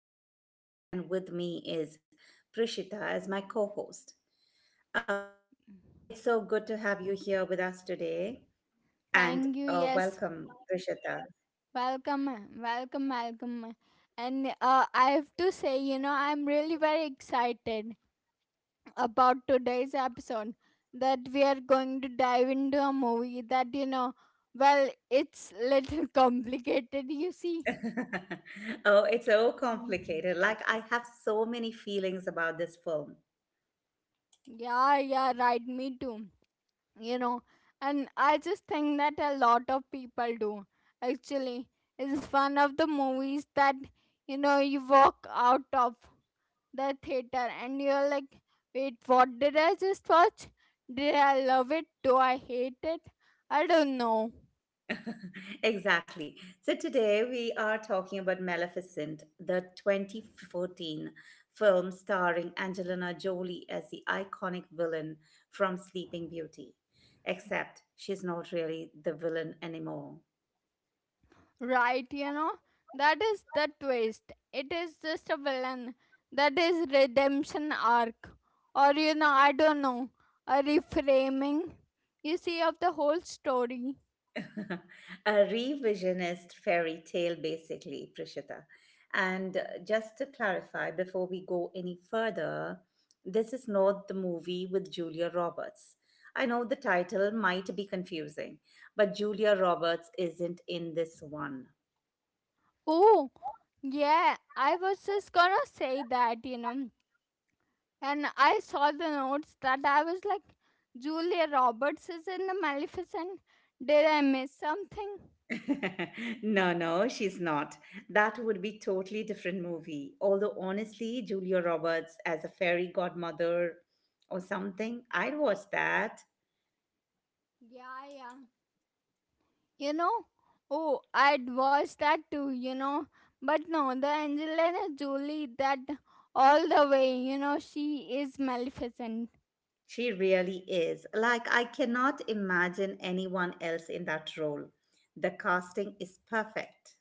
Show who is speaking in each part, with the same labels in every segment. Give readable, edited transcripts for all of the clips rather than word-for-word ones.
Speaker 1: I'm your host Gayatri, and with me is Prishita as my co host. It's so good to have you here with us today, and
Speaker 2: Thank you. Yes.
Speaker 1: welcome, Prishita.
Speaker 2: Welcome. Welcome, welcome. And I have to say, you know, I'm really very excited about today's episode that we are going to dive into a movie that, you know, well, it's little complicated, you see.
Speaker 1: Oh, it's so
Speaker 2: Hmm.
Speaker 1: complicated. Like, I have so many feelings about this film.
Speaker 2: Yeah, yeah, right. Me too. You know, and I just think that a lot of people do actually. It's one of the movies that, you know, you walk out of the theater and you're like, wait, what did I just watch? Did I love it? Do I hate it? I don't know.
Speaker 1: Exactly. So today we are talking about Maleficent, the 2014 film starring Angelina Jolie as the iconic villain from Sleeping Beauty. Except she's not really the villain anymore.
Speaker 2: Right, you know, that is the twist. It is just a villain that is redemption arc, or, you know, I don't know, a reframing, you see, of the whole story.
Speaker 1: A revisionist fairy tale, basically, Prishita. And just to clarify, before we go any further, this is not the movie with Julia Roberts. I know the title might be confusing, but Julia Roberts isn't in this one.
Speaker 2: Oh, yeah, I was just gonna say that, you know, and I saw the notes that I was like, Julia Roberts is in the Maleficent? Did I miss something?
Speaker 1: No, no, she's not. That would be totally different movie. Although honestly, Julia Roberts as a fairy godmother or something, I'd watch that.
Speaker 2: Yeah, yeah. You know, oh, I'd watch that too, you know. But no, the Angelina Jolie, that all the way, you know, she is Maleficent.
Speaker 1: She really is. Like I cannot imagine anyone else in that role. The casting is perfect.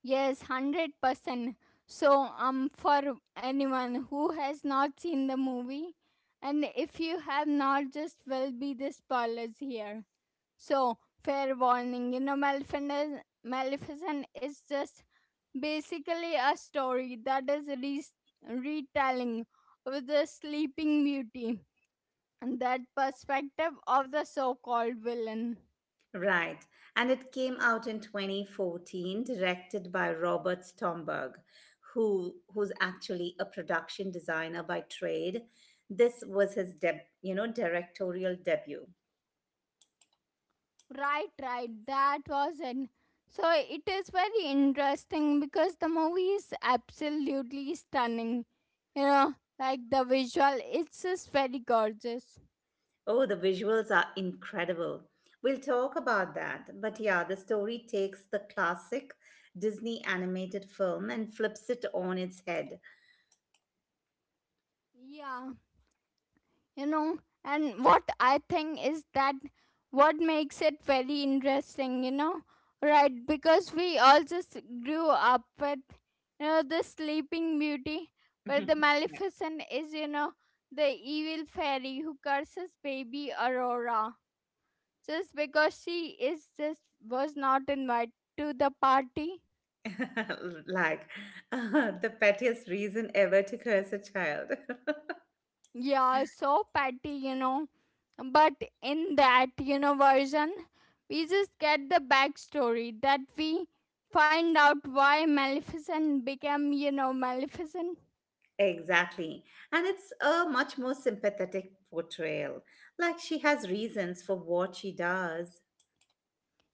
Speaker 2: Yes, 100%. So, for anyone who has not seen the movie, and if you have not, just will be the spoilers here. So, fair warning, you know, Maleficent is just basically a story that is retelling of the Sleeping Beauty and that perspective of the so called villain.
Speaker 1: Right. And it came out in 2014, directed by Robert Stromberg, who's actually a production designer by trade. This was his directorial debut.
Speaker 2: Right, right, that was it. So, it is very interesting because the movie is absolutely stunning. You know, like the visual, it's just very gorgeous.
Speaker 1: Oh, the visuals are incredible. We'll talk about that. But yeah, the story takes the classic Disney animated film and flips it on its head.
Speaker 2: Yeah. You know, and what I think is that what makes it very interesting, you know, right, because we all just grew up with, you know, the Sleeping Beauty, where the Maleficent is, you know, the evil fairy who curses baby Aurora just because she is just was not invited to the party.
Speaker 1: Like, the pettiest reason ever to curse a child.
Speaker 2: Yeah, so petty, you know. But in that, you know, version, we just get the backstory that we find out why Maleficent became, you know, Maleficent.
Speaker 1: Exactly. And it's a much more sympathetic portrayal. Like she has reasons for what she does.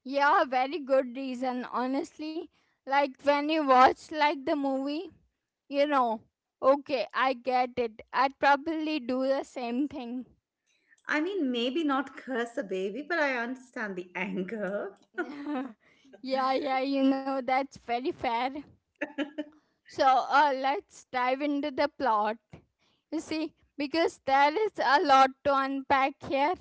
Speaker 2: Yeah, very good reason, honestly. Like when you watch like the movie, you know, okay, I get it. I'd probably do the same thing.
Speaker 1: I mean, maybe not curse a baby, but I understand the anger.
Speaker 2: Yeah, yeah, you know, that's very fair. So let's dive into the plot. You see, because there is a lot to unpack here.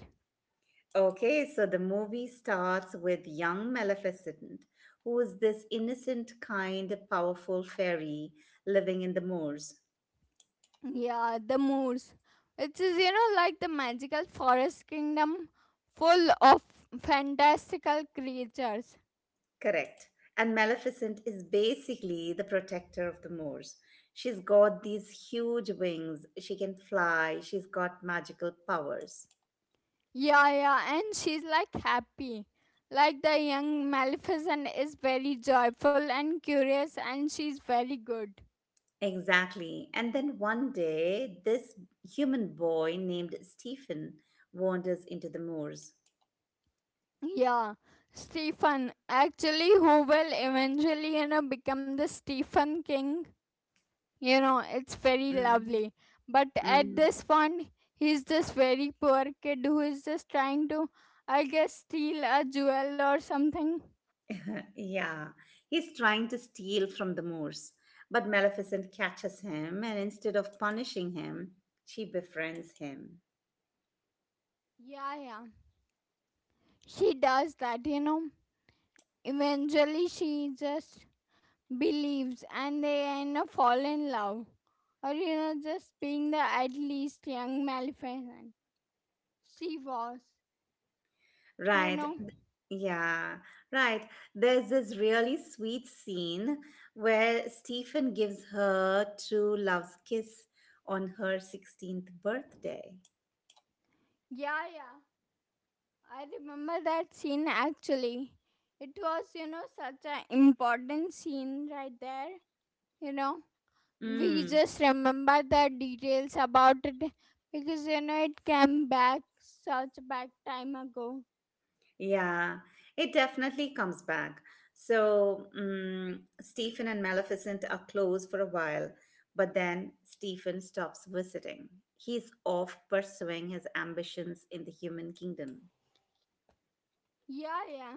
Speaker 1: Okay, so the movie starts with young Maleficent, who is this innocent, kind, powerful fairy living in the moors.
Speaker 2: Yeah, the moors. It is, you know, like the magical forest kingdom full of fantastical creatures.
Speaker 1: Correct. And Maleficent is basically the protector of the moors. She's got these huge wings, she can fly, she's got magical powers.
Speaker 2: Yeah, yeah, and she's like happy. Like the young Maleficent is very joyful and curious, and she's very good.
Speaker 1: Exactly. And then one day, this human boy named Stephen wanders into the moors.
Speaker 2: Yeah, Stephen. Actually, who will eventually, you know, become the Stephen King? You know, it's very
Speaker 1: Mm,
Speaker 2: lovely. But at
Speaker 1: mm.
Speaker 2: this point, he's this very poor kid who is just trying to, I guess, steal a jewel or something.
Speaker 1: Yeah, he's trying to steal from the Moors, but Maleficent catches him, and instead of punishing him, she befriends him.
Speaker 2: Yeah, yeah. She does that, you know. Eventually, she just believes and they, you know, fall in love. Or, you know, just being the at least young Maleficent. She was, you
Speaker 1: Right,
Speaker 2: know.
Speaker 1: yeah, right. There's this really sweet scene where Stephen gives her true love's kiss on her 16th birthday.
Speaker 2: Yeah, yeah. I remember that scene actually. It was, you know, such an important scene right there. You know, we
Speaker 1: Mm.
Speaker 2: just remember the details about it because, you know, it came back such back time ago.
Speaker 1: Yeah, it definitely comes back. So, Stephen and Maleficent are close for a while, but then Stephen stops visiting. He's off pursuing his ambitions in the human kingdom.
Speaker 2: Yeah, yeah.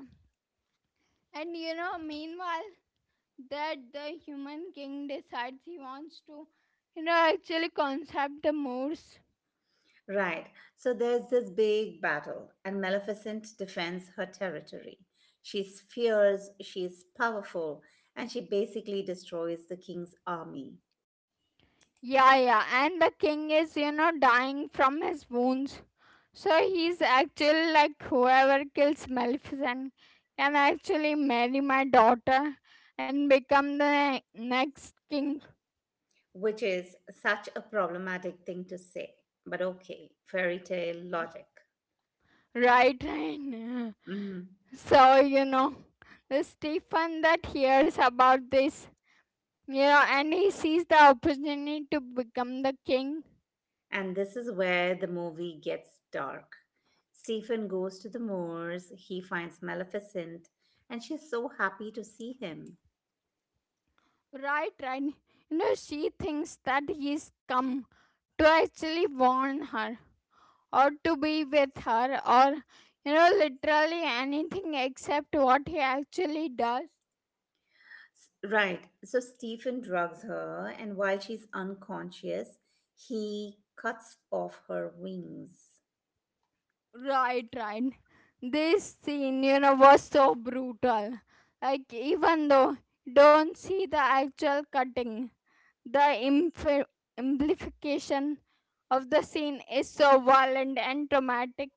Speaker 2: And, you know, meanwhile, that the human king decides he wants to, you know, actually concept the Moors.
Speaker 1: Right, so there's this big battle, and Maleficent defends her territory. She's fierce, she's powerful, and she basically destroys the king's army.
Speaker 2: Yeah, yeah. And the king is, you know, dying from his wounds. So he's actually like whoever kills Maleficent can actually marry my daughter and become the next king,
Speaker 1: Which is such a problematic thing to say. But okay, fairy tale logic.
Speaker 2: right? And
Speaker 1: Mhm.
Speaker 2: so you know, the Stephen that hears about this, you know, and he sees the opportunity to become the king,
Speaker 1: And this is where the movie gets dark. Stephen goes to the moors, he finds Maleficent, and she's so happy to see him.
Speaker 2: right? Right? You know, she thinks that he's come to actually warn her, or to be with her, or you know literally anything except what he actually does.
Speaker 1: Right, so Stephen drugs her, and while she's unconscious, he cuts off her wings.
Speaker 2: Right, right, this scene, you know, was so brutal. Like even though you don't see the actual cutting, the amplification of the scene is so violent and traumatic.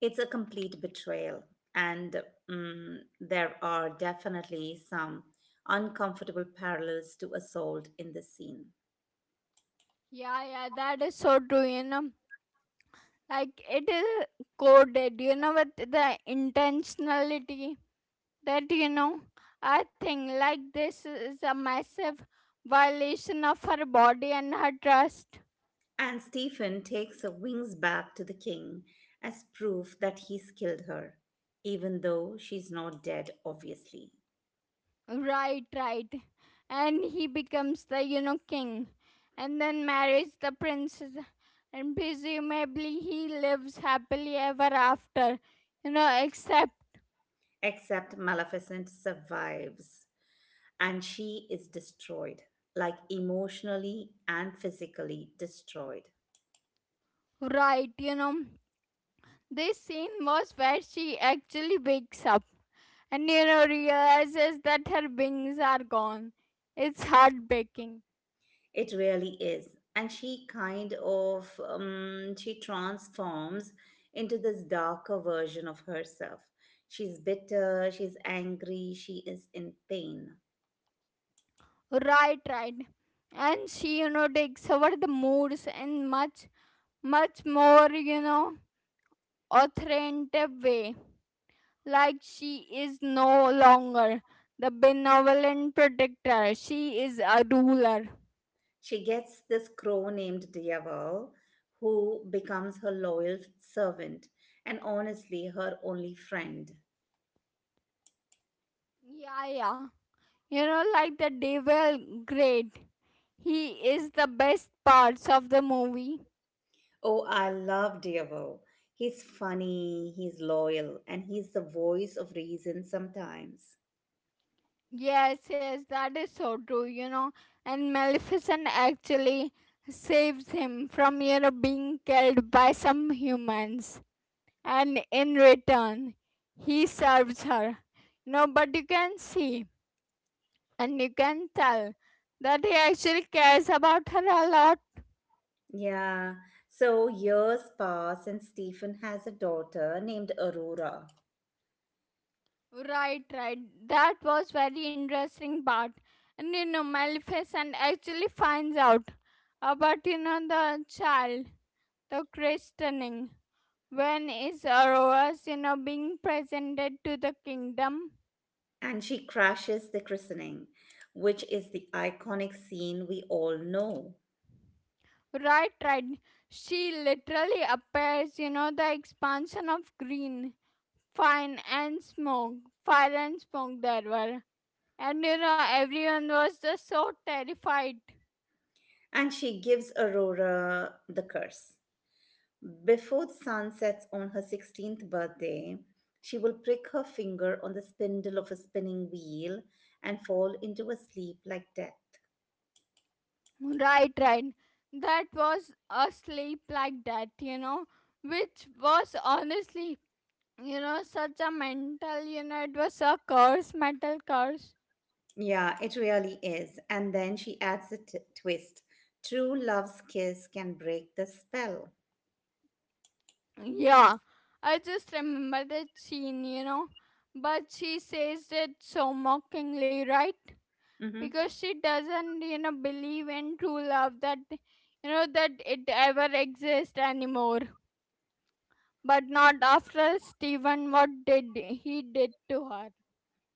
Speaker 1: It's a complete betrayal, and there are definitely some uncomfortable parallels to assault in this scene.
Speaker 2: Yeah, yeah, that is so true, you know. Like it is coded, you know, with the intentionality, that, you know, I think like this is a massive violation of her body and her trust.
Speaker 1: And Stephen takes her wings back to the king as proof that he's killed her, even though she's not dead, obviously.
Speaker 2: Right, right, and he becomes the, you know, king, and then marries the princess, and presumably he lives happily ever after, you know, except
Speaker 1: Except Maleficent survives, and she is destroyed, like emotionally and physically destroyed.
Speaker 2: right, you know, this scene was where she actually wakes up and, you know, realizes that her wings are gone. It's heartbreaking.
Speaker 1: It really is. And she kind of she transforms into this darker version of herself. She's bitter, she's angry, she is in pain.
Speaker 2: Right, right. And she, you know, discovered the moods in much, much more, you know, authoritative way. Like she is no longer the benevolent protector. She is a ruler.
Speaker 1: She gets this crow named Diaval who becomes her loyal servant and honestly her only friend.
Speaker 2: Yeah, yeah. You know, like the devil great. He is the best parts of the movie.
Speaker 1: Oh, I love Diavel. He's funny, he's loyal, and he's the voice of reason sometimes.
Speaker 2: Yes, yes, that is so true, you know. And Maleficent actually saves him from, you know, being killed by some humans. And in return, he serves her. You know, but you can see and you can tell that he actually cares about her a lot.
Speaker 1: Yeah. So years pass, and Stephen has a daughter named Aurora,
Speaker 2: Right, right. That was very interesting part. And you know, Maleficent actually finds out about, you know, the child, the christening. When is Aurora Sinha being presented to the kingdom?
Speaker 1: and she crashes the christening, which is the iconic scene we all know.
Speaker 2: Right, right. She literally appears, you know, the expansion of green, fine and smoke, fire and smoke there were. And you know, everyone was just so terrified.
Speaker 1: And she gives Aurora the curse. Before the sun sets on her 16th birthday, she will prick her finger on the spindle of a spinning wheel and fall into a sleep like death.
Speaker 2: Right, right. That was a sleep like that, you know, which was honestly, you know, such a mental, you know, it was a curse, mental curse.
Speaker 1: Yeah, it really is. And then she adds a twist. True love's kiss can break the spell.
Speaker 2: Yeah, I just remember that scene, you know. But she says it so mockingly, right?
Speaker 1: Hmm.
Speaker 2: Because she doesn't, you know, believe in true love that, you know, that it ever exists anymore. But not after Stephen, what did he did to her?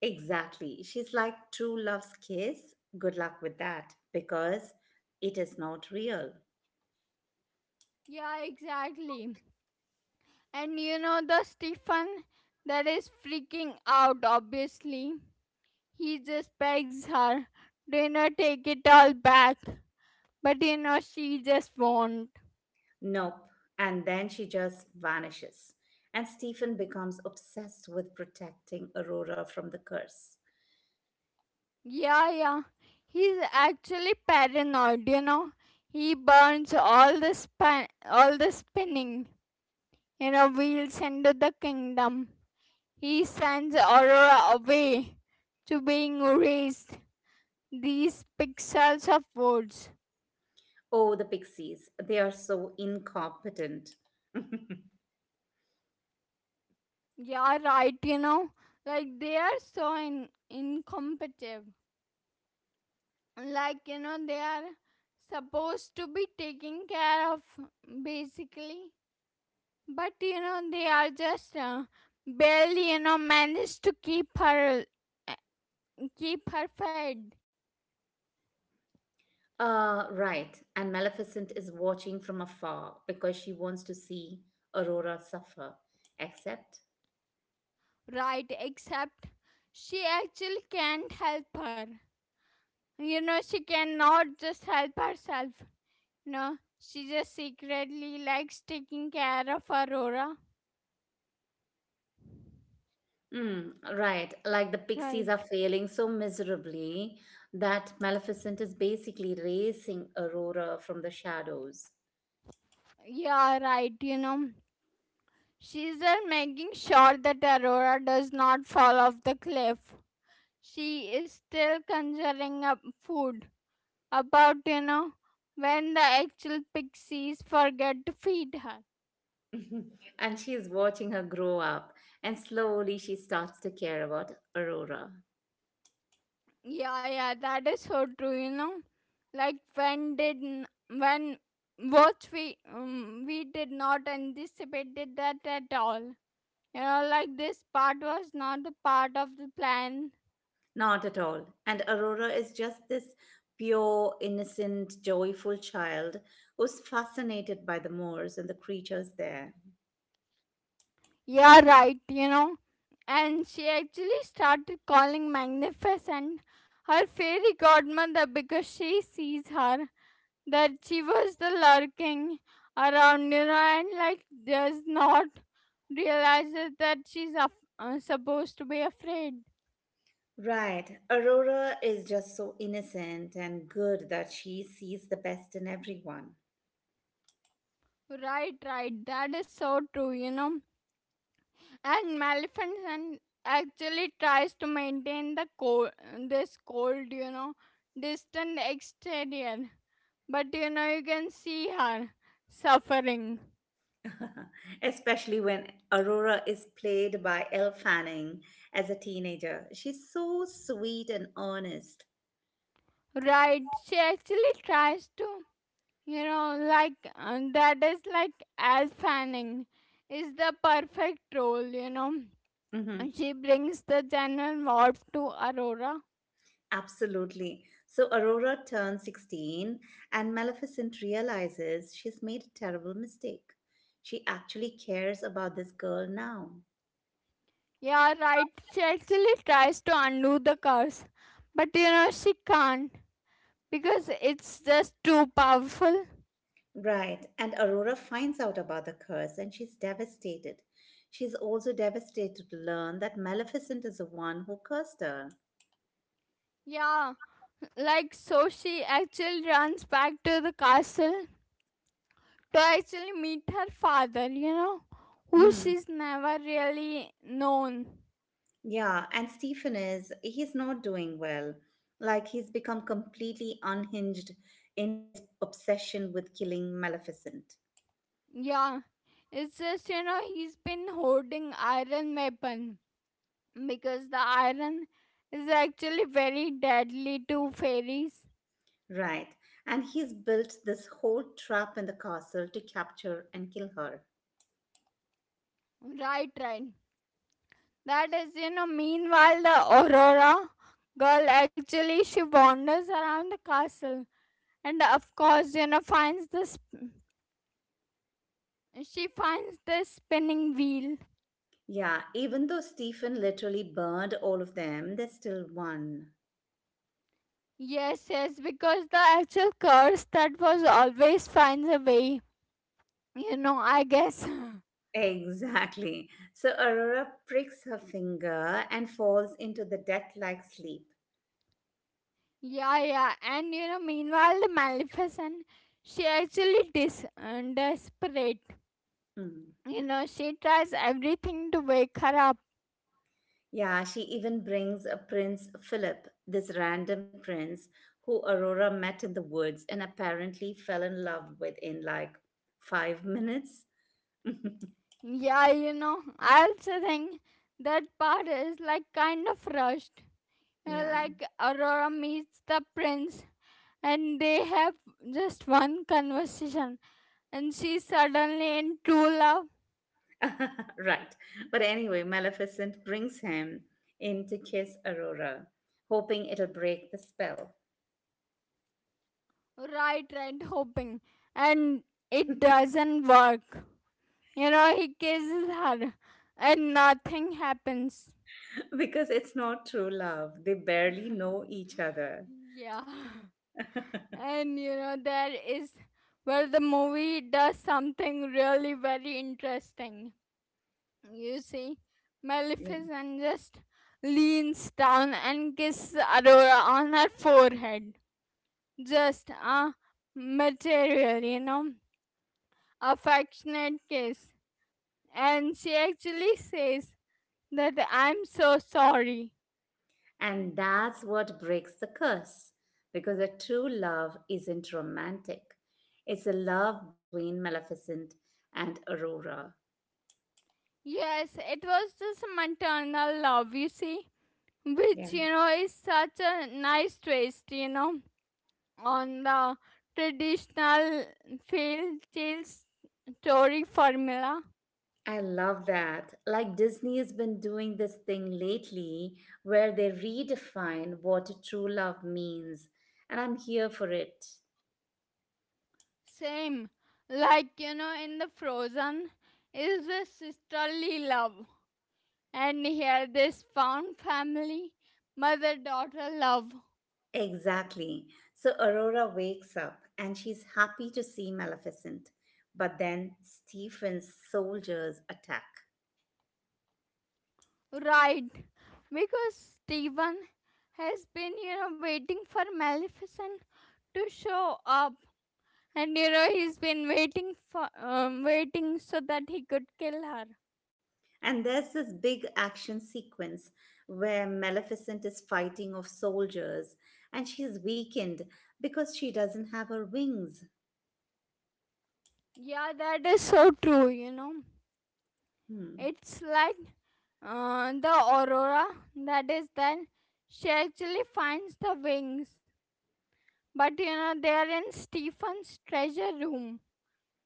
Speaker 1: Exactly. She's like, true love's kiss, good luck with that because it is not real.
Speaker 2: Yeah, exactly. And you know the Stephen that is freaking out. Obviously, he just begs her, "Do you not take it all back." But you know, she just won't.
Speaker 1: Nope. And then she just vanishes. And Stephen becomes obsessed with protecting Aurora from the curse.
Speaker 2: Yeah, yeah. He's actually paranoid, you know. He burns all the spinning, you know, wheels into the kingdom. He sends Aurora away to being erased. These pixels of words.
Speaker 1: Oh, the pixies. They are so incompetent.
Speaker 2: Yeah, right, you know. Like they are so incompetent. Like, you know, they are supposed to be taking care of basically. But you know, they are just barely you know managed to uh, keep her fed.
Speaker 1: Right. And Maleficent is watching from afar because she wants to see Aurora suffer. Except,
Speaker 2: Right. Except she actually can't help her. You know, she cannot just help herself. No, she just secretly likes taking care of Aurora.
Speaker 1: mm, right, like the pixies are
Speaker 2: Right.
Speaker 1: failing so miserably that Maleficent is basically raising Aurora from the shadows.
Speaker 2: Yeah, right. You know, she's just making sure that Aurora does not fall off the cliff. She is still conjuring up food about you know when the actual pixies forget to feed her.
Speaker 1: And she is watching her grow up, and slowly she starts to care about Aurora.
Speaker 2: Yeah, yeah, that is so true. You know, like when did n- when what we did not anticipated that at all. You know, like this part was not a part of the plan.
Speaker 1: Not at all. And Aurora is just this pure, innocent, joyful child who's fascinated by the moors and the creatures there.
Speaker 2: Yeah, right. You know, and she actually started calling Magnificent her fairy godmother because she sees her that she was the lurking around, you know, and like does not realize it that she's supposed to be afraid.
Speaker 1: Right. Aurora is just so innocent and good that she sees the best in everyone.
Speaker 2: Right, right. That is so true, you know. And Maleficent actually tries to maintain the cold, this cold, you know, distant exterior. But you know, you can see her suffering.
Speaker 1: Especially when Aurora is played by Elle Fanning as a teenager. She's so sweet and earnest.
Speaker 2: Right. She actually tries to, you know, like that is like as Fanning is the perfect role, you know. And she brings the general warp to Aurora.
Speaker 1: Absolutely. So Aurora turns 16, and Maleficent realizes she's made a terrible mistake. She actually cares about this girl now.
Speaker 2: Yeah, right. She actually tries to undo the curse, but you know, she can't because it's just too powerful.
Speaker 1: Right, and Aurora finds out about the curse and she's devastated. She's also devastated to learn that Maleficent is the one who cursed her.
Speaker 2: Yeah, like so she actually runs back to the castle to actually meet her father, you know, who
Speaker 1: Mm.
Speaker 2: she's never really known.
Speaker 1: Yeah, and Stephen is, he's not doing well. Like, he's become completely unhinged in his obsession with killing Maleficent.
Speaker 2: Yeah, it's just you know he's been holding iron weapon because the iron is actually very deadly to fairies.
Speaker 1: Right. And he's built this whole trap in the castle to capture and kill her.
Speaker 2: Right, right. That is you know. Meanwhile, the Aurora girl actually she wanders around the castle and of course you know finds this. She finds the spinning wheel.
Speaker 1: Yeah, even though Stephen literally burned all of them, they still won.
Speaker 2: Yes, yes, because the actual curse that was always finds a way. You know, I guess.
Speaker 1: Exactly. So Aurora pricks her finger and falls into the death like sleep.
Speaker 2: Yeah, yeah. And you know, meanwhile, the Maleficent, she actually desperate.
Speaker 1: Mm.
Speaker 2: You know, she tries everything to wake her up.
Speaker 1: Yeah, she even brings a Prince Philip, this random prince who Aurora met in the woods and apparently fell in love with in like 5 minutes.
Speaker 2: Yeah, you know, I also think that part is like kind of rushed. You know,
Speaker 1: Yeah.
Speaker 2: like Aurora meets the prince and they have just one conversation and she's suddenly in true love.
Speaker 1: Right. But anyway, Maleficent brings him in to kiss Aurora, hoping it'll break the spell.
Speaker 2: Right, right, hoping. And it doesn't work. You know, he kisses her and nothing happens.
Speaker 1: Because it's not true love. They barely know each other.
Speaker 2: Yeah. And you know, that is where the movie does something really very interesting. You see,
Speaker 1: Yeah.
Speaker 2: Maleficent just leans down and kisses Aurora on her forehead. Just a material, you know, affectionate kiss. And she actually says that I'm so sorry.
Speaker 1: And that's what breaks the curse because a true love isn't romantic, it's a love between Maleficent and Aurora.
Speaker 2: Yes, it was just maternal love, you see, which, you know, is such a nice twist, you know, on the traditional fairy tale story formula.
Speaker 1: I love that. Like Disney has been doing this thing lately where they redefine what true love means, and I'm here for it.
Speaker 2: Same, like, you know, in the Frozen, is the sisterly love. And here, this found family, mother daughter love.
Speaker 1: Exactly. So Aurora wakes up and she's happy to see Maleficent, but then Stephen's soldiers attack.
Speaker 2: Right, because Steven has been, waiting for Maleficent to show up, and you know he's been waiting so that he could kill her.
Speaker 1: And there's this big action sequence where Maleficent is fighting off soldiers and she's weakened because she doesn't have her wings.
Speaker 2: Yeah, that is so true. You know,
Speaker 1: Hmm.
Speaker 2: it's like the aurora. That is then she actually finds the wings, but you know they are in Steven's treasure room.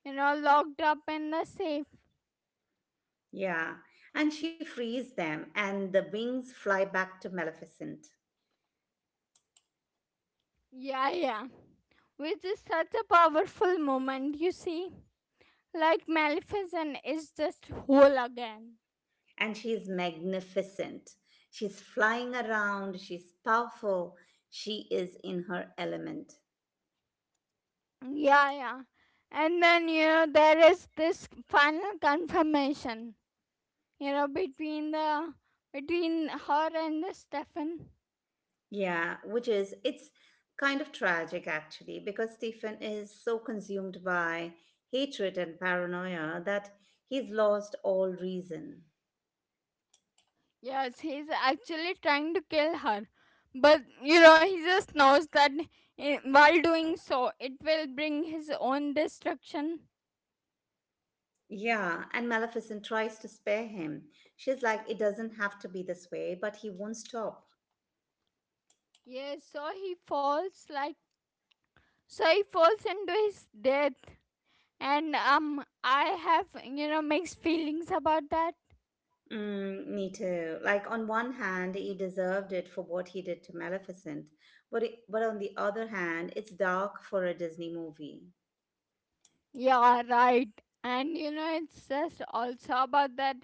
Speaker 2: You know, locked up in the safe.
Speaker 1: Yeah, and she frees them, and the wings fly back to Maleficent.
Speaker 2: Yeah, yeah. Which is such a powerful moment, you see. Like Maleficent is just whole again.
Speaker 1: And she's magnificent. She's flying around, she's powerful, she is in her element.
Speaker 2: Yeah, yeah. And then, you know, there is this final confirmation, you know, between the between her and the Stefan.
Speaker 1: Yeah, which is, it's kind of tragic actually, because Stephen is so consumed by hatred and paranoia that he's lost all reason.
Speaker 2: Yes, he's actually trying to kill her. But you know, he just knows that while doing so, it will bring his own destruction.
Speaker 1: Yeah, and Maleficent tries to spare him. She's like, it doesn't have to be this way, but he won't stop.
Speaker 2: Yes, So he falls into his death, and I have you know mixed feelings about that.
Speaker 1: Mm, me too. Like on one hand, he deserved it for what he did to Maleficent, but it, but on the other hand, it's dark for a Disney movie.
Speaker 2: Yeah, right. And you know, it's just also about that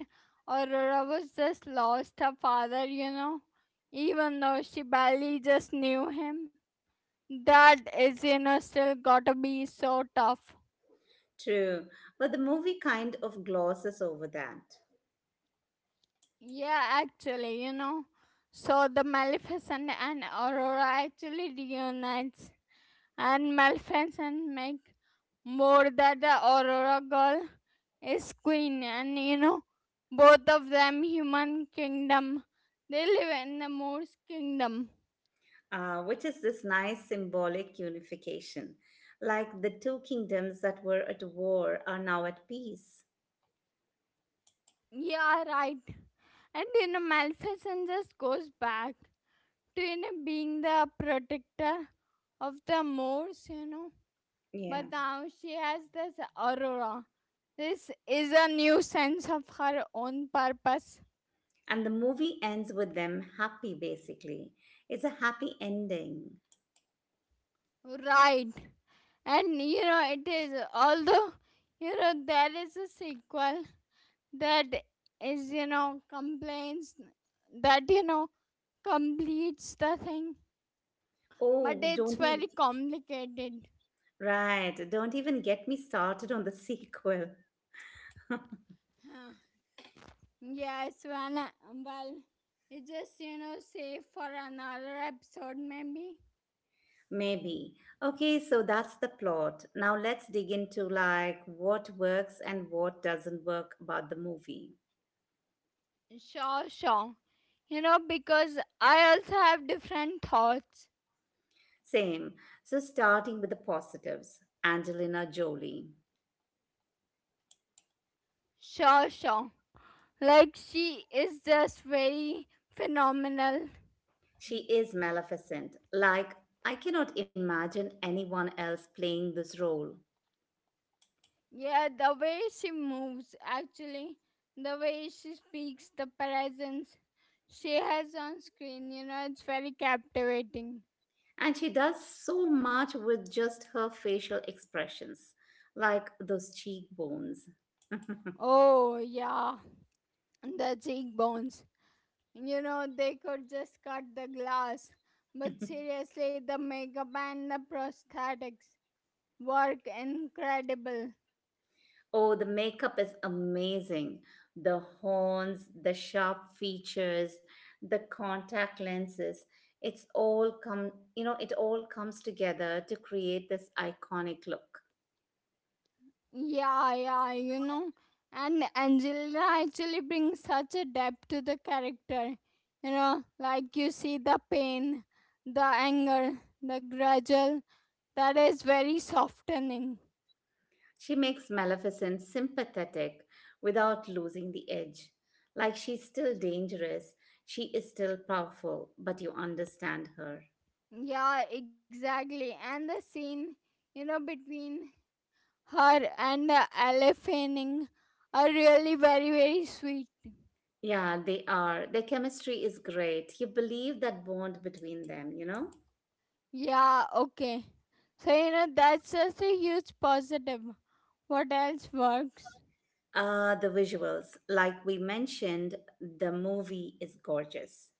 Speaker 2: Aurora was just lost her father. You know, even though she barely just knew him, that is you know still gotta be so tough.
Speaker 1: True, but the movie kind of glosses over that,
Speaker 2: Yeah, actually, you know. So the Maleficent and Aurora actually reunites and Maleficent make more that the Aurora girl is queen, and you know, both of them human kingdom. They live in the Moors kingdom.
Speaker 1: which is this nice symbolic unification, like the two kingdoms that were at war are now at peace.
Speaker 2: Yeah, right. And you know, Maleficent just goes back to you know being the protector of the Moors, you know.
Speaker 1: Yeah,
Speaker 2: But now she has this Aurora. This is a new sense of her own purpose.
Speaker 1: and the movie ends with them happy. Basically, it's a happy ending.
Speaker 2: Right. And you know, it is, although, you know, there is a sequel that is, you know, complains that, you know, completes the thing, but
Speaker 1: Oh,
Speaker 2: it's
Speaker 1: don't he?
Speaker 2: very complicated.
Speaker 1: Right. Don't even get me started on the sequel.
Speaker 2: Huh. Yes, well, it's just, save for another episode, maybe.
Speaker 1: Maybe. Okay, so that's the plot. Now let's dig into like what works and what doesn't work about the movie.
Speaker 2: Sure, sure. You know, because I also have different thoughts.
Speaker 1: Same. So starting with the positives. Angelina Jolie.
Speaker 2: Sure, sure. Like, she is just very phenomenal.
Speaker 1: She is Maleficent. Like I cannot imagine anyone else playing this role.
Speaker 2: Yeah, the way she moves, actually, the way she speaks, the presence she has on screen, you know, it's very captivating.
Speaker 1: And she does so much with just her facial expressions, like those cheekbones.
Speaker 2: Oh, yeah, the cheekbones. You know, they could just cut the glass. But seriously, the makeup and the prosthetics work incredible.
Speaker 1: Oh, the makeup is amazing. The horns, the sharp features, the contact lenses. It all comes together to create this iconic look.
Speaker 2: Yeah, yeah, you know. And Angela actually brings such a depth to the character. You know, like you see the pain, the anger, the gradual, that is very softening.
Speaker 1: She makes Maleficent sympathetic without losing the edge. Like she's still dangerous, she is still powerful, but you understand her.
Speaker 2: Yeah, exactly. And the scene, you know, between her and the elephanting are really very, very sweet.
Speaker 1: Yeah, they are. Their chemistry is great. You believe that bond between them, you know?
Speaker 2: Yeah, okay. So, you know, that's such a huge positive. What else works?
Speaker 1: The visuals, like we mentioned, the movie is gorgeous.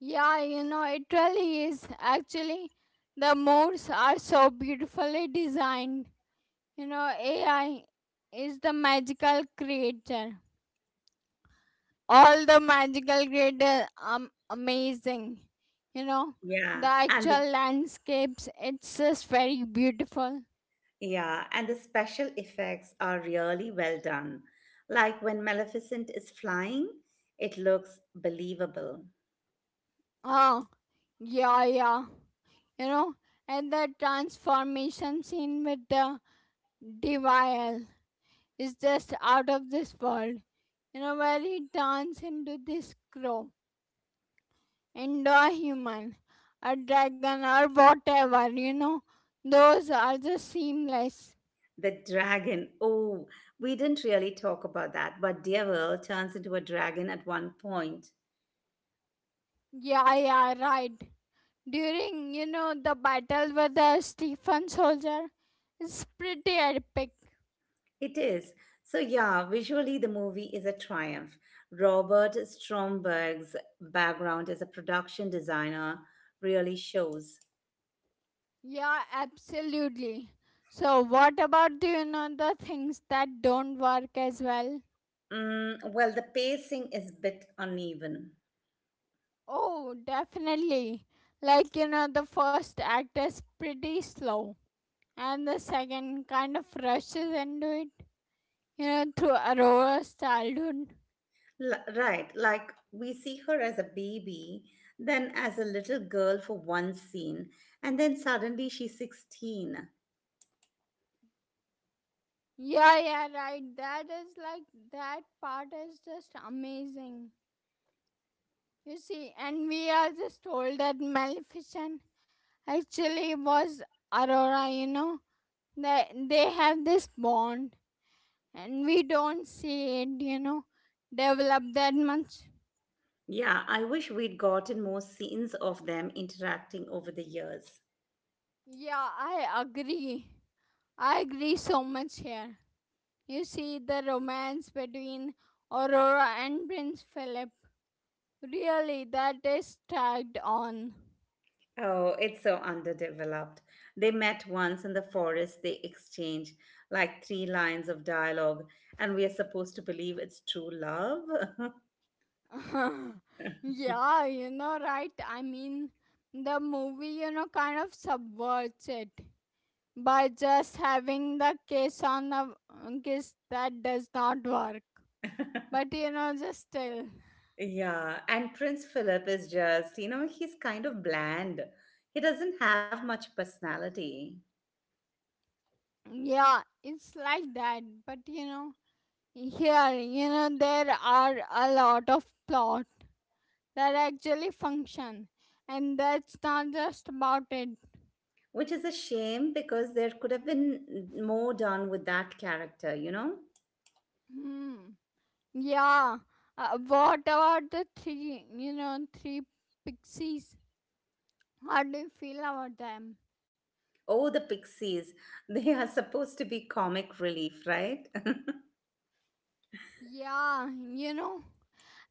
Speaker 2: Yeah, you know, it really is. Actually, the modes are so beautifully designed. You know, AI is the magical creator. All the magical creators are amazing. You know,
Speaker 1: Yeah,
Speaker 2: the
Speaker 1: and the,
Speaker 2: actual landscapes, it's just very beautiful.
Speaker 1: yeah, and the special effects are really well done. Like when Maleficent is flying, it looks believable.
Speaker 2: Oh, yeah, yeah. You know, and the transformation scene with the devil is just out of this world, you know, where he turns into this crow, into a human, a dragon, or whatever, you know. Those are just seamless.
Speaker 1: The dragon, oh, we didn't really talk about that, but Devil turns into a dragon at one point.
Speaker 2: Yeah, yeah, right. During, you know, the battle with the Stephen soldier, it's pretty epic.
Speaker 1: It is. So, yeah, visually the movie is a triumph. Robert Stromberg's background as a production designer really shows.
Speaker 2: Yeah, absolutely. So, what about, do you know, the things that don't work as well?
Speaker 1: Mm, well, the pacing is a bit uneven.
Speaker 2: Oh, definitely. Like, you know, the first act is pretty slow and the second kind of rushes into it, you know, through Aurora's childhood.
Speaker 1: Right, like we see her as a baby, then as a little girl for one scene, and then suddenly she's 16.
Speaker 2: Yeah, yeah, right. That is like that part is just amazing. You see, and we are just told that Maleficent actually was Aurora, you know. They have this bond, and we don't see it, you know, develop that much.
Speaker 1: Yeah, I wish we'd gotten more scenes of them interacting over the years.
Speaker 2: Yeah, I agree. I agree so much here. You see the romance between Aurora and Prince Philip. Really, that is tagged on.
Speaker 1: Oh, it's so underdeveloped. They met once in the forest, they exchange like three lines of dialogue, and we are supposed to believe it's true love.
Speaker 2: Yeah, you know, right? I mean, the movie, you know, kind of subverts it by just having the kiss on a kiss that does not work. But you know, just still,
Speaker 1: Yeah, and Prince Philip is just, you know, he's kind of bland. He doesn't have much personality,
Speaker 2: yeah, it's like that. But you know, here, you know, there are a lot of plots that actually function and that's not just about it.
Speaker 1: which is a shame because there could have been more done with that character, you know?
Speaker 2: Hmm. Yeah, what about the three, pixies, how do you feel about them?
Speaker 1: Oh, the pixies. They are supposed to be comic relief, right?
Speaker 2: Yeah, you know,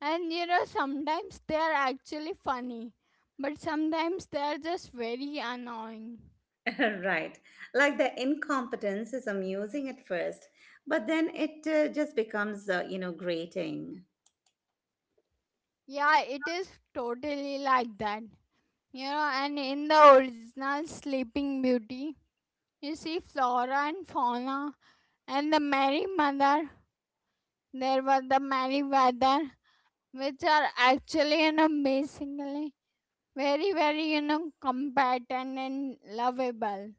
Speaker 2: and you know sometimes they're actually funny, but sometimes they're just very annoying.
Speaker 1: Right. Like the incompetence is amusing at first, but then it just becomes, grating.
Speaker 2: Yeah, it is totally like that. You know, and in the original Sleeping Beauty, you see Flora and Fauna and the Merry Mother. There was the Merry Weather, which are actually, you know, basically very, very, you know, competent and lovable.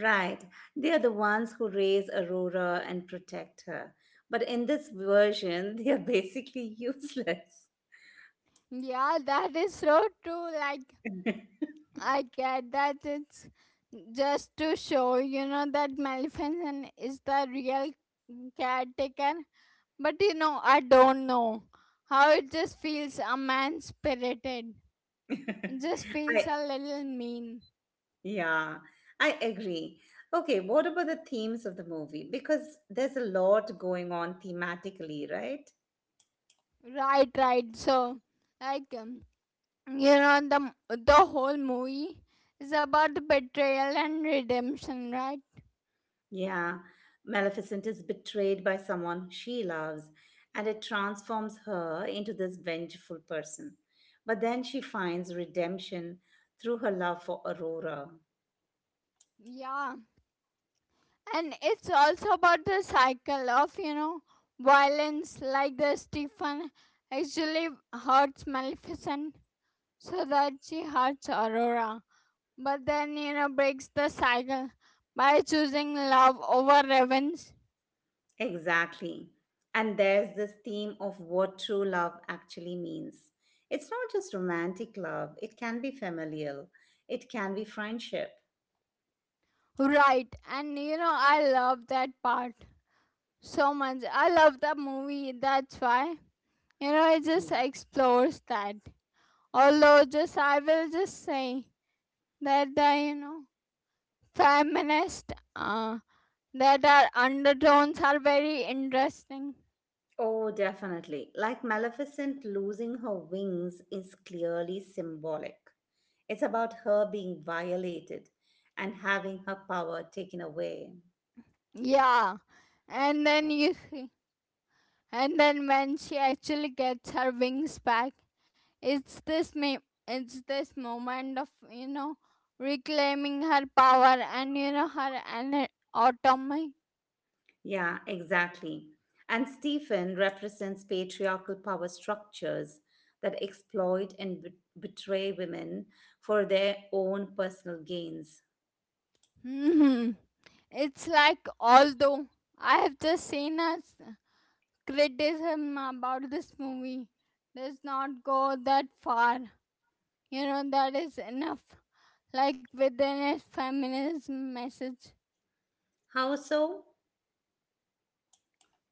Speaker 1: Right. They are the ones who raise Aurora and protect her. But in this version, they are basically useless.
Speaker 2: Yeah, that is so true. Like, I get that it's just to show, you know, that Maleficent is the real caretaker. But, you know, I don't know, how it just feels a man spirited. It just feels
Speaker 1: I,
Speaker 2: a little mean.
Speaker 1: yeah, I agree. Okay, what about the themes of the movie? Because there's a lot going on thematically, right?
Speaker 2: Right, right. So, like, you know, the whole movie is about the betrayal and redemption, right?
Speaker 1: Yeah, Maleficent is betrayed by someone she loves, and it transforms her into this vengeful person. But then she finds redemption through her love for Aurora.
Speaker 2: Yeah, and it's also about the cycle of, you know, violence, like the Stephen actually hurts Maleficent so that she hurts Aurora, but then you know breaks the cycle by choosing love over revenge.
Speaker 1: Exactly. And there's this theme of what true love actually means. It's not just romantic love, it can be familial, it can be friendship.
Speaker 2: Right, and you know I love that part so much. I love that movie. That's why you know it just explores that. Although, just I will just say that the you know feminist uh, that are undertones are very interesting.
Speaker 1: Oh, definitely. Like Maleficent losing her wings is clearly symbolic. It's about her being violated and having her power taken away.
Speaker 2: Yeah, and then you see, and then when she actually gets her wings back, it's this me. It's this moment of you know reclaiming her power and you know her and autonomy.
Speaker 1: Yeah, exactly. And Stephen represents patriarchal power structures that exploit and betray women for their own personal gains.
Speaker 2: It's like although I have just seen criticism about this movie does not go that far. You know that is enough. Like within its feminism message.
Speaker 1: How so?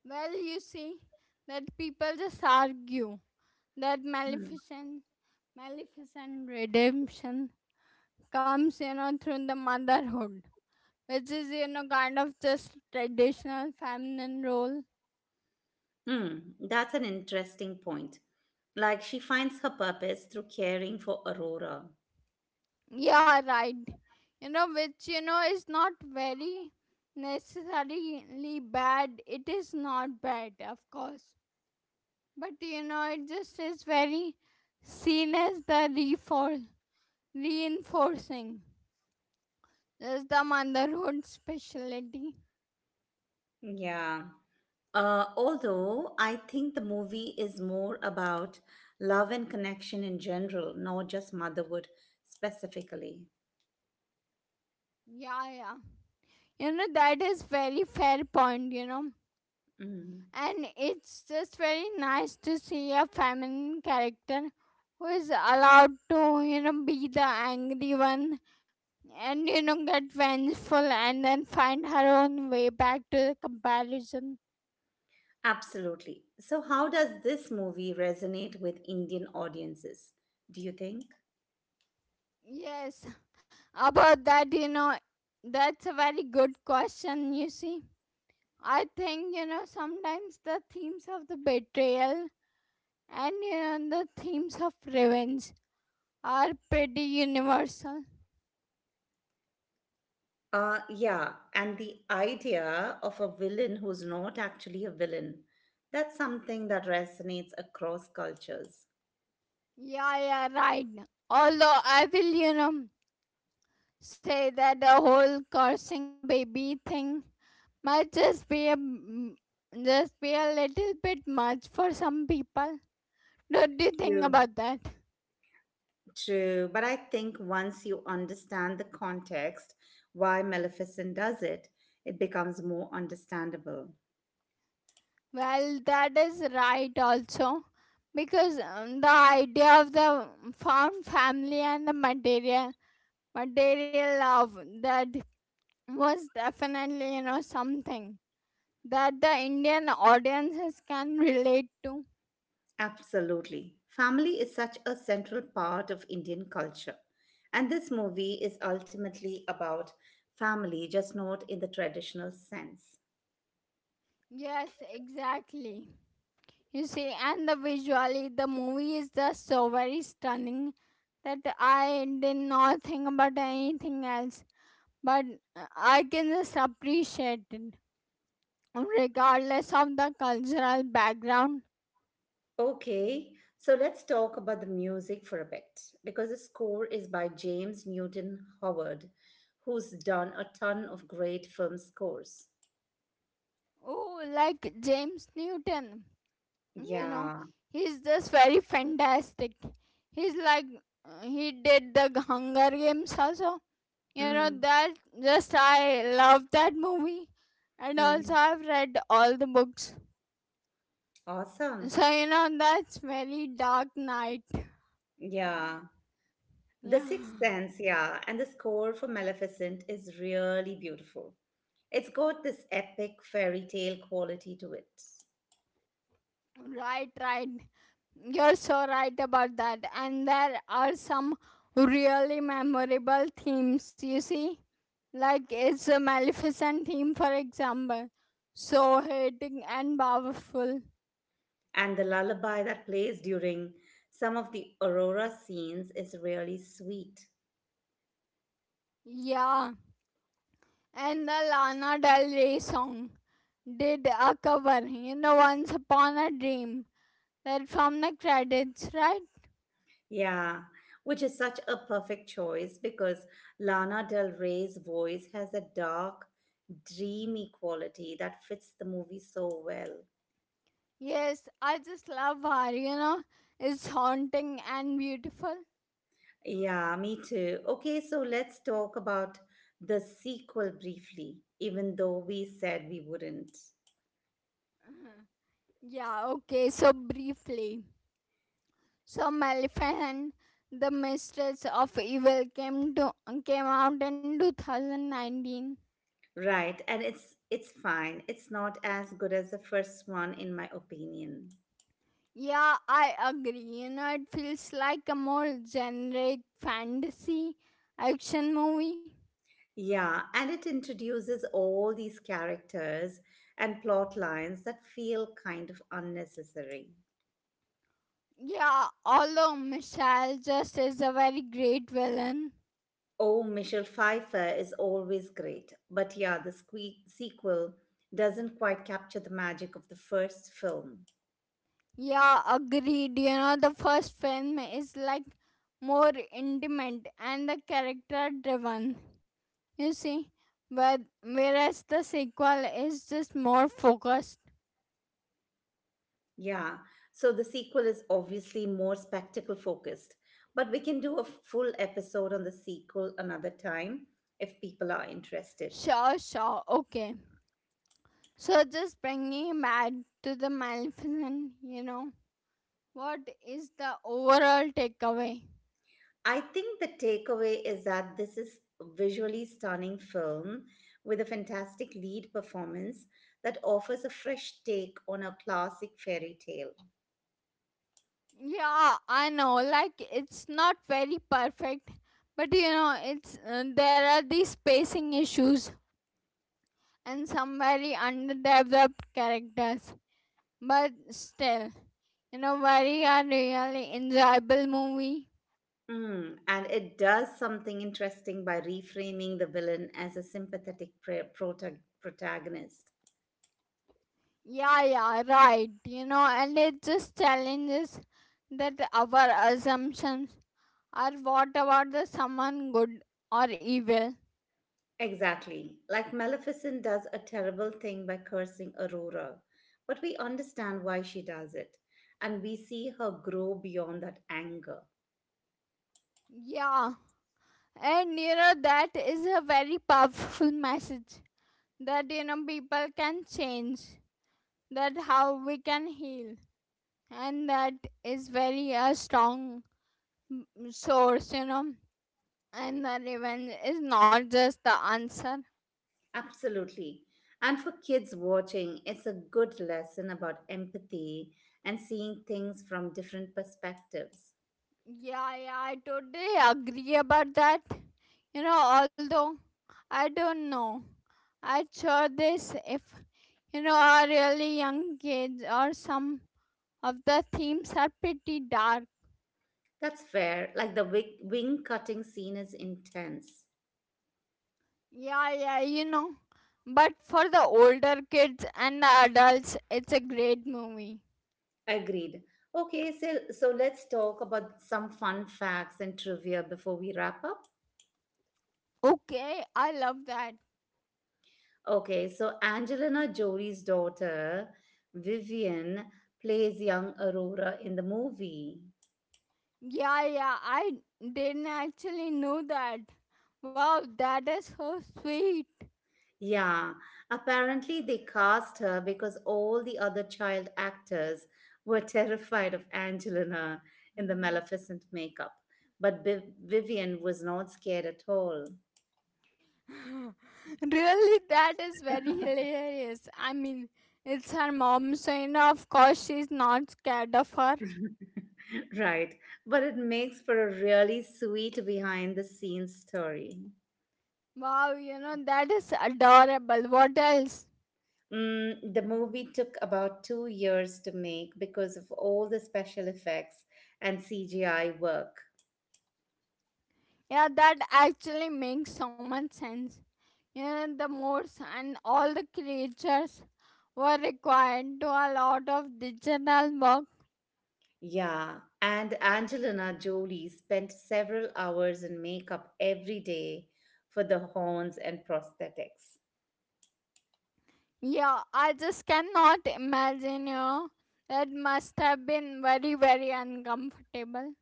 Speaker 2: Well, you see that people just argue that
Speaker 1: Hmm.
Speaker 2: maleficent, maleficent redemption comes you know through the motherhood, which is you know kind of just traditional feminine role.
Speaker 1: Hmm, that's an interesting point. Like she finds her purpose through caring for Aurora.
Speaker 2: Yeah, right. You know, which you know is not very necessarily bad. It is not bad, of course. But you know, it just is very seen as the reinforcing. Is the motherhood specialty.
Speaker 1: Yeah. Although I think the movie is more about love and connection in general, not just motherhood specifically.
Speaker 2: Yeah, yeah. You know, that is very fair point, you know.
Speaker 1: Mm.
Speaker 2: And it's just very nice to see a feminine character who is allowed to, you know, be the angry one and you know get vengeful and then find her own way back to the comparison.
Speaker 1: Absolutely. So, how does this movie resonate with Indian audiences, do you think?
Speaker 2: Yes, about that, you know, that's a very good question. You see, I think you know sometimes the themes of the betrayal and you know the themes of revenge are pretty universal.
Speaker 1: Yeah. And the idea of a villain who's not actually a villain, that's something that resonates across cultures.
Speaker 2: Yeah, yeah, right. Although I will you know say that the whole cursing a baby thing might just be a just be a little bit much for some people. Don't you think
Speaker 1: Yeah.
Speaker 2: about that?
Speaker 1: True, but I think once you understand the context why Maleficent does it, it becomes more understandable.
Speaker 2: Well, that is right also, because the idea of the found family and the material love, that was definitely you know something that the Indian audiences can relate to.
Speaker 1: Absolutely. Family is such a central part of Indian culture. And this movie is ultimately about family, just not in the traditional sense.
Speaker 2: Yes, exactly. You see, and the visually, the movie is just so very stunning that I did not think about anything else. But I can just appreciate it, regardless of the cultural background.
Speaker 1: Okay, so let's talk about the music for a bit because the score is by James Newton Howard, who's done a ton of great film scores.
Speaker 2: Oh, like James Newton, you know,
Speaker 1: Yeah,
Speaker 2: he's just very fantastic. He's like, he did the Hunger Games also. You know,
Speaker 1: mm,
Speaker 2: that just I love that movie. And also,
Speaker 1: mm.
Speaker 2: I've read all the books.
Speaker 1: Awesome.
Speaker 2: So you know that's very dark night.
Speaker 1: Yeah. The
Speaker 2: Yeah.
Speaker 1: Sixth Sense, yeah. And the score for Maleficent is really beautiful. It's got this epic fairy tale quality to it.
Speaker 2: Right, right. You're so right about that. And there are some really memorable themes, you see. Like it's a Maleficent theme, for example. So hating and powerful.
Speaker 1: And the lullaby that plays during some of the Aurora scenes is really sweet.
Speaker 2: Yeah. And the Lana Del Rey song did a cover, you know, Once Upon a Dream. That from the credits, right?
Speaker 1: Yeah, which is such a perfect choice because Lana Del Rey's voice has a dark, dreamy quality that fits the movie so well.
Speaker 2: Yes, I just love her, you know. It's haunting and beautiful.
Speaker 1: Yeah, me too. Okay, so let's talk about the sequel briefly, even though we said we wouldn't.
Speaker 2: Mhm. Yeah, okay, so briefly. So Maleficent, the mistress of evil, came out in 2019.
Speaker 1: Right, and it's fine. It's not as good as the first one in my opinion.
Speaker 2: Yeah, I agree. You know, it feels like a more generic fantasy action movie.
Speaker 1: Yeah, and it introduces all these characters and plot lines that feel kind of unnecessary.
Speaker 2: Yeah, although Michelle just is a very great villain.
Speaker 1: Oh, Michelle Pfeiffer is always great, but yeah, the sequel doesn't quite capture the magic of the first film.
Speaker 2: Yeah, agreed. You know, the first film is like more intimate and the character driven. You see, but whereas the sequel is just more focused.
Speaker 1: Yeah, so the sequel is obviously more spectacle focused, but we can do a full episode on the sequel another time if people are interested.
Speaker 2: Sure, sure, okay. So just bringing it back to the Maleficent. You know, what is the overall takeaway?
Speaker 1: I think the takeaway is that this is a visually stunning film with a fantastic lead performance that offers a fresh take on a classic fairy tale.
Speaker 2: Yeah, I know. Like it's not very perfect, but you know, it's there are these spacing issues and some very underdeveloped characters. But still, you know, very a really enjoyable movie.
Speaker 1: Mm, and it does something interesting by reframing the villain as a sympathetic protagonist.
Speaker 2: Yeah, yeah, right. You know, and it just challenges that our assumptions are what about the someone good or evil.
Speaker 1: Exactly. Like Maleficent does a terrible thing by cursing Aurora, but we understand why she does it, and we see her grow beyond that anger.
Speaker 2: Yeah, and you know, that is a very powerful message that you know people can change, that how we can heal, and that is very a strong source, you know, and the revenge is not just the answer.
Speaker 1: Absolutely. And for kids watching, it's a good lesson about empathy and seeing things from different perspectives.
Speaker 2: Yeah, yeah, I totally agree about that. You know, although I don't know, I'd sure this if you know our really young kids or some of the themes are pretty dark.
Speaker 1: That's fair. Like the wing cutting scene is intense.
Speaker 2: Yeah, yeah, you know, but for the older kids and the adults, it's a great movie.
Speaker 1: Agreed. Okay, so let's talk about some fun facts and trivia before we wrap up.
Speaker 2: Okay, I love that.
Speaker 1: Okay, so Angelina Jolie's daughter, Vivian, plays young Aurora in the movie.
Speaker 2: Yeah, yeah, I didn't actually know that. Wow, that is so sweet.
Speaker 1: Yeah, apparently they cast her because all the other child actors were terrified of Angelina in the
Speaker 2: Hmm.
Speaker 1: Maleficent makeup. But Vivian was not scared at all.
Speaker 2: Really, that is very hilarious. I mean, it's her mom, so you know, of course, she's not scared of her.
Speaker 1: Right, but it makes for a really sweet behind the scenes story.
Speaker 2: Wow, you know, that is adorable. What else?
Speaker 1: Mm, the movie took about 2 years to make because of all the special effects and CGI work.
Speaker 2: Yeah, that actually makes so much sense. You know, the moors and all the creatures were required to a lot of digital work.
Speaker 1: Yeah, and Angelina Jolie spent several hours in makeup every day for the horns and prosthetics.
Speaker 2: Yeah, I just cannot imagine, you know. That must have been very, very uncomfortable.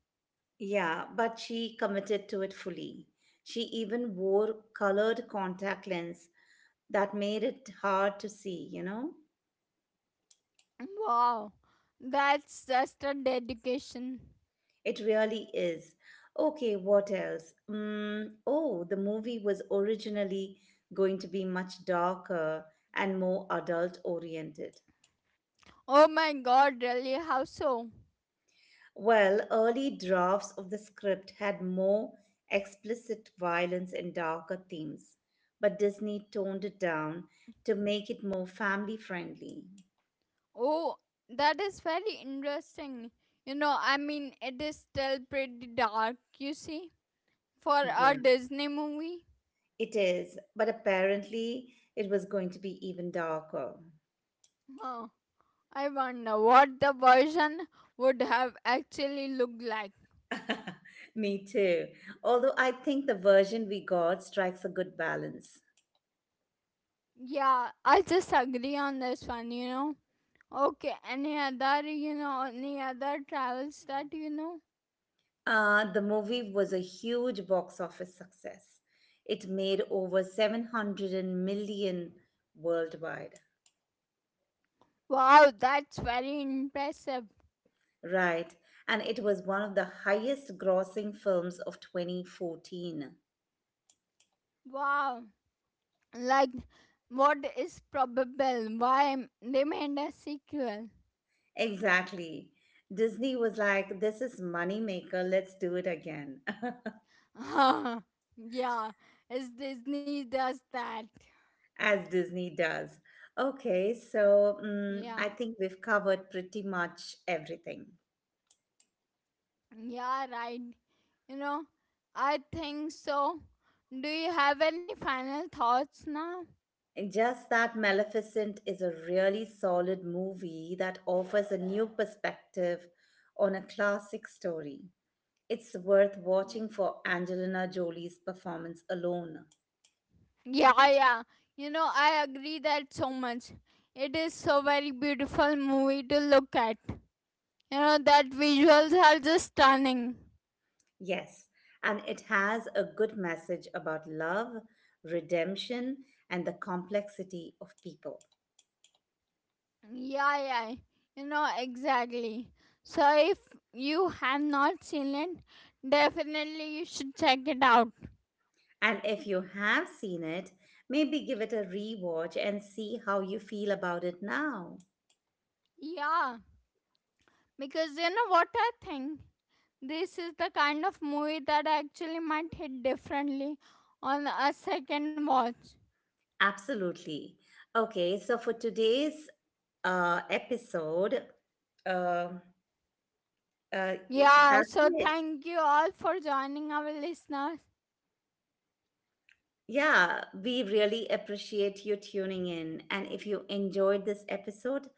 Speaker 1: Yeah, but she committed to it fully. She even wore colored contact lens that made it hard to see, you know?
Speaker 2: Wow, that's just a dedication.
Speaker 1: It really is. Okay, what else? Mm, oh, the movie was originally going to be much darker and more adult oriented.
Speaker 2: Oh my god, really? How so?
Speaker 1: Well, early drafts of the script had more explicit violence and darker themes, but Disney toned it down to make it more family friendly.
Speaker 2: Oh, that is very interesting. You know, I mean, it is still pretty dark, you see, for a
Speaker 1: Yeah.
Speaker 2: Disney movie.
Speaker 1: It is, but apparently it was going to be even darker.
Speaker 2: Huh. I wonder what the version would have actually looked like.
Speaker 1: Me too. Although I think the version we got strikes a good balance.
Speaker 2: Yeah, I just agree on this one, you know. Okay, any other, you know, any other travels that you know?
Speaker 1: The movie was a huge box office success. It made over 700 million worldwide.
Speaker 2: Wow, that's very impressive.
Speaker 1: Right, and it was one of the highest grossing films of 2014.
Speaker 2: Wow, like what is probable? Why they made a sequel?
Speaker 1: Exactly. Disney was like, this is moneymaker, let's do it again,
Speaker 2: Yeah, it's Disney does that.
Speaker 1: as Disney does. Okay, so mm,
Speaker 2: Yeah,
Speaker 1: I think we've covered pretty much everything.
Speaker 2: yeah, right. You know, I think so. Do you have any final thoughts now?
Speaker 1: Just that Maleficent is a really solid movie that offers a new perspective on a classic story. It's worth watching
Speaker 2: Yeah.
Speaker 1: for Angelina Jolie's performance alone.
Speaker 2: Yeah, yeah. You know, I agree that so much. It is so very beautiful movie to look at. You know, that visuals are just stunning.
Speaker 1: Yes, and it has a good message about love, redemption, and the complexity of people.
Speaker 2: Yeah, yeah. You know, exactly. So if you have not seen it, definitely you should check it out.
Speaker 1: And if you have seen it, maybe give it a rewatch and see how you feel about it now.
Speaker 2: Yeah, because you know what I think? This is the kind of movie that actually might hit differently on a second watch.
Speaker 1: Absolutely. Okay, so for today's episode, uh,
Speaker 2: Yeah,
Speaker 1: that's
Speaker 2: so
Speaker 1: it.
Speaker 2: thank you all for joining our listeners.
Speaker 1: Yeah, we really appreciate you tuning in. And if you enjoyed this episode,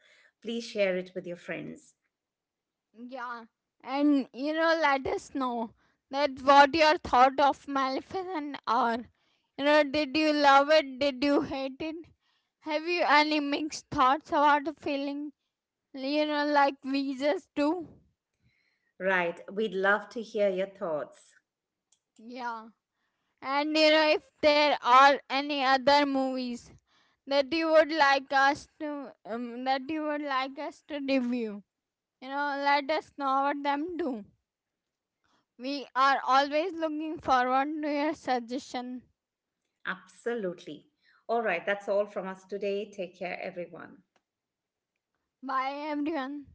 Speaker 1: please share it with your friends.
Speaker 2: Yeah, and you know, let us know that what your thought of Maleficent are. You know, did you love it? Did you hate it? Have you any mixed thoughts about the feeling? You know, like we just do.
Speaker 1: Right. We'd love to hear your thoughts.
Speaker 2: Yeah, and you know, if there are any other movies that you would like us to review. You know, let us know what them do. We are always looking forward to your suggestion.
Speaker 1: Absolutely. All right. That's all from us today. Take care, everyone.
Speaker 2: Bye everyone.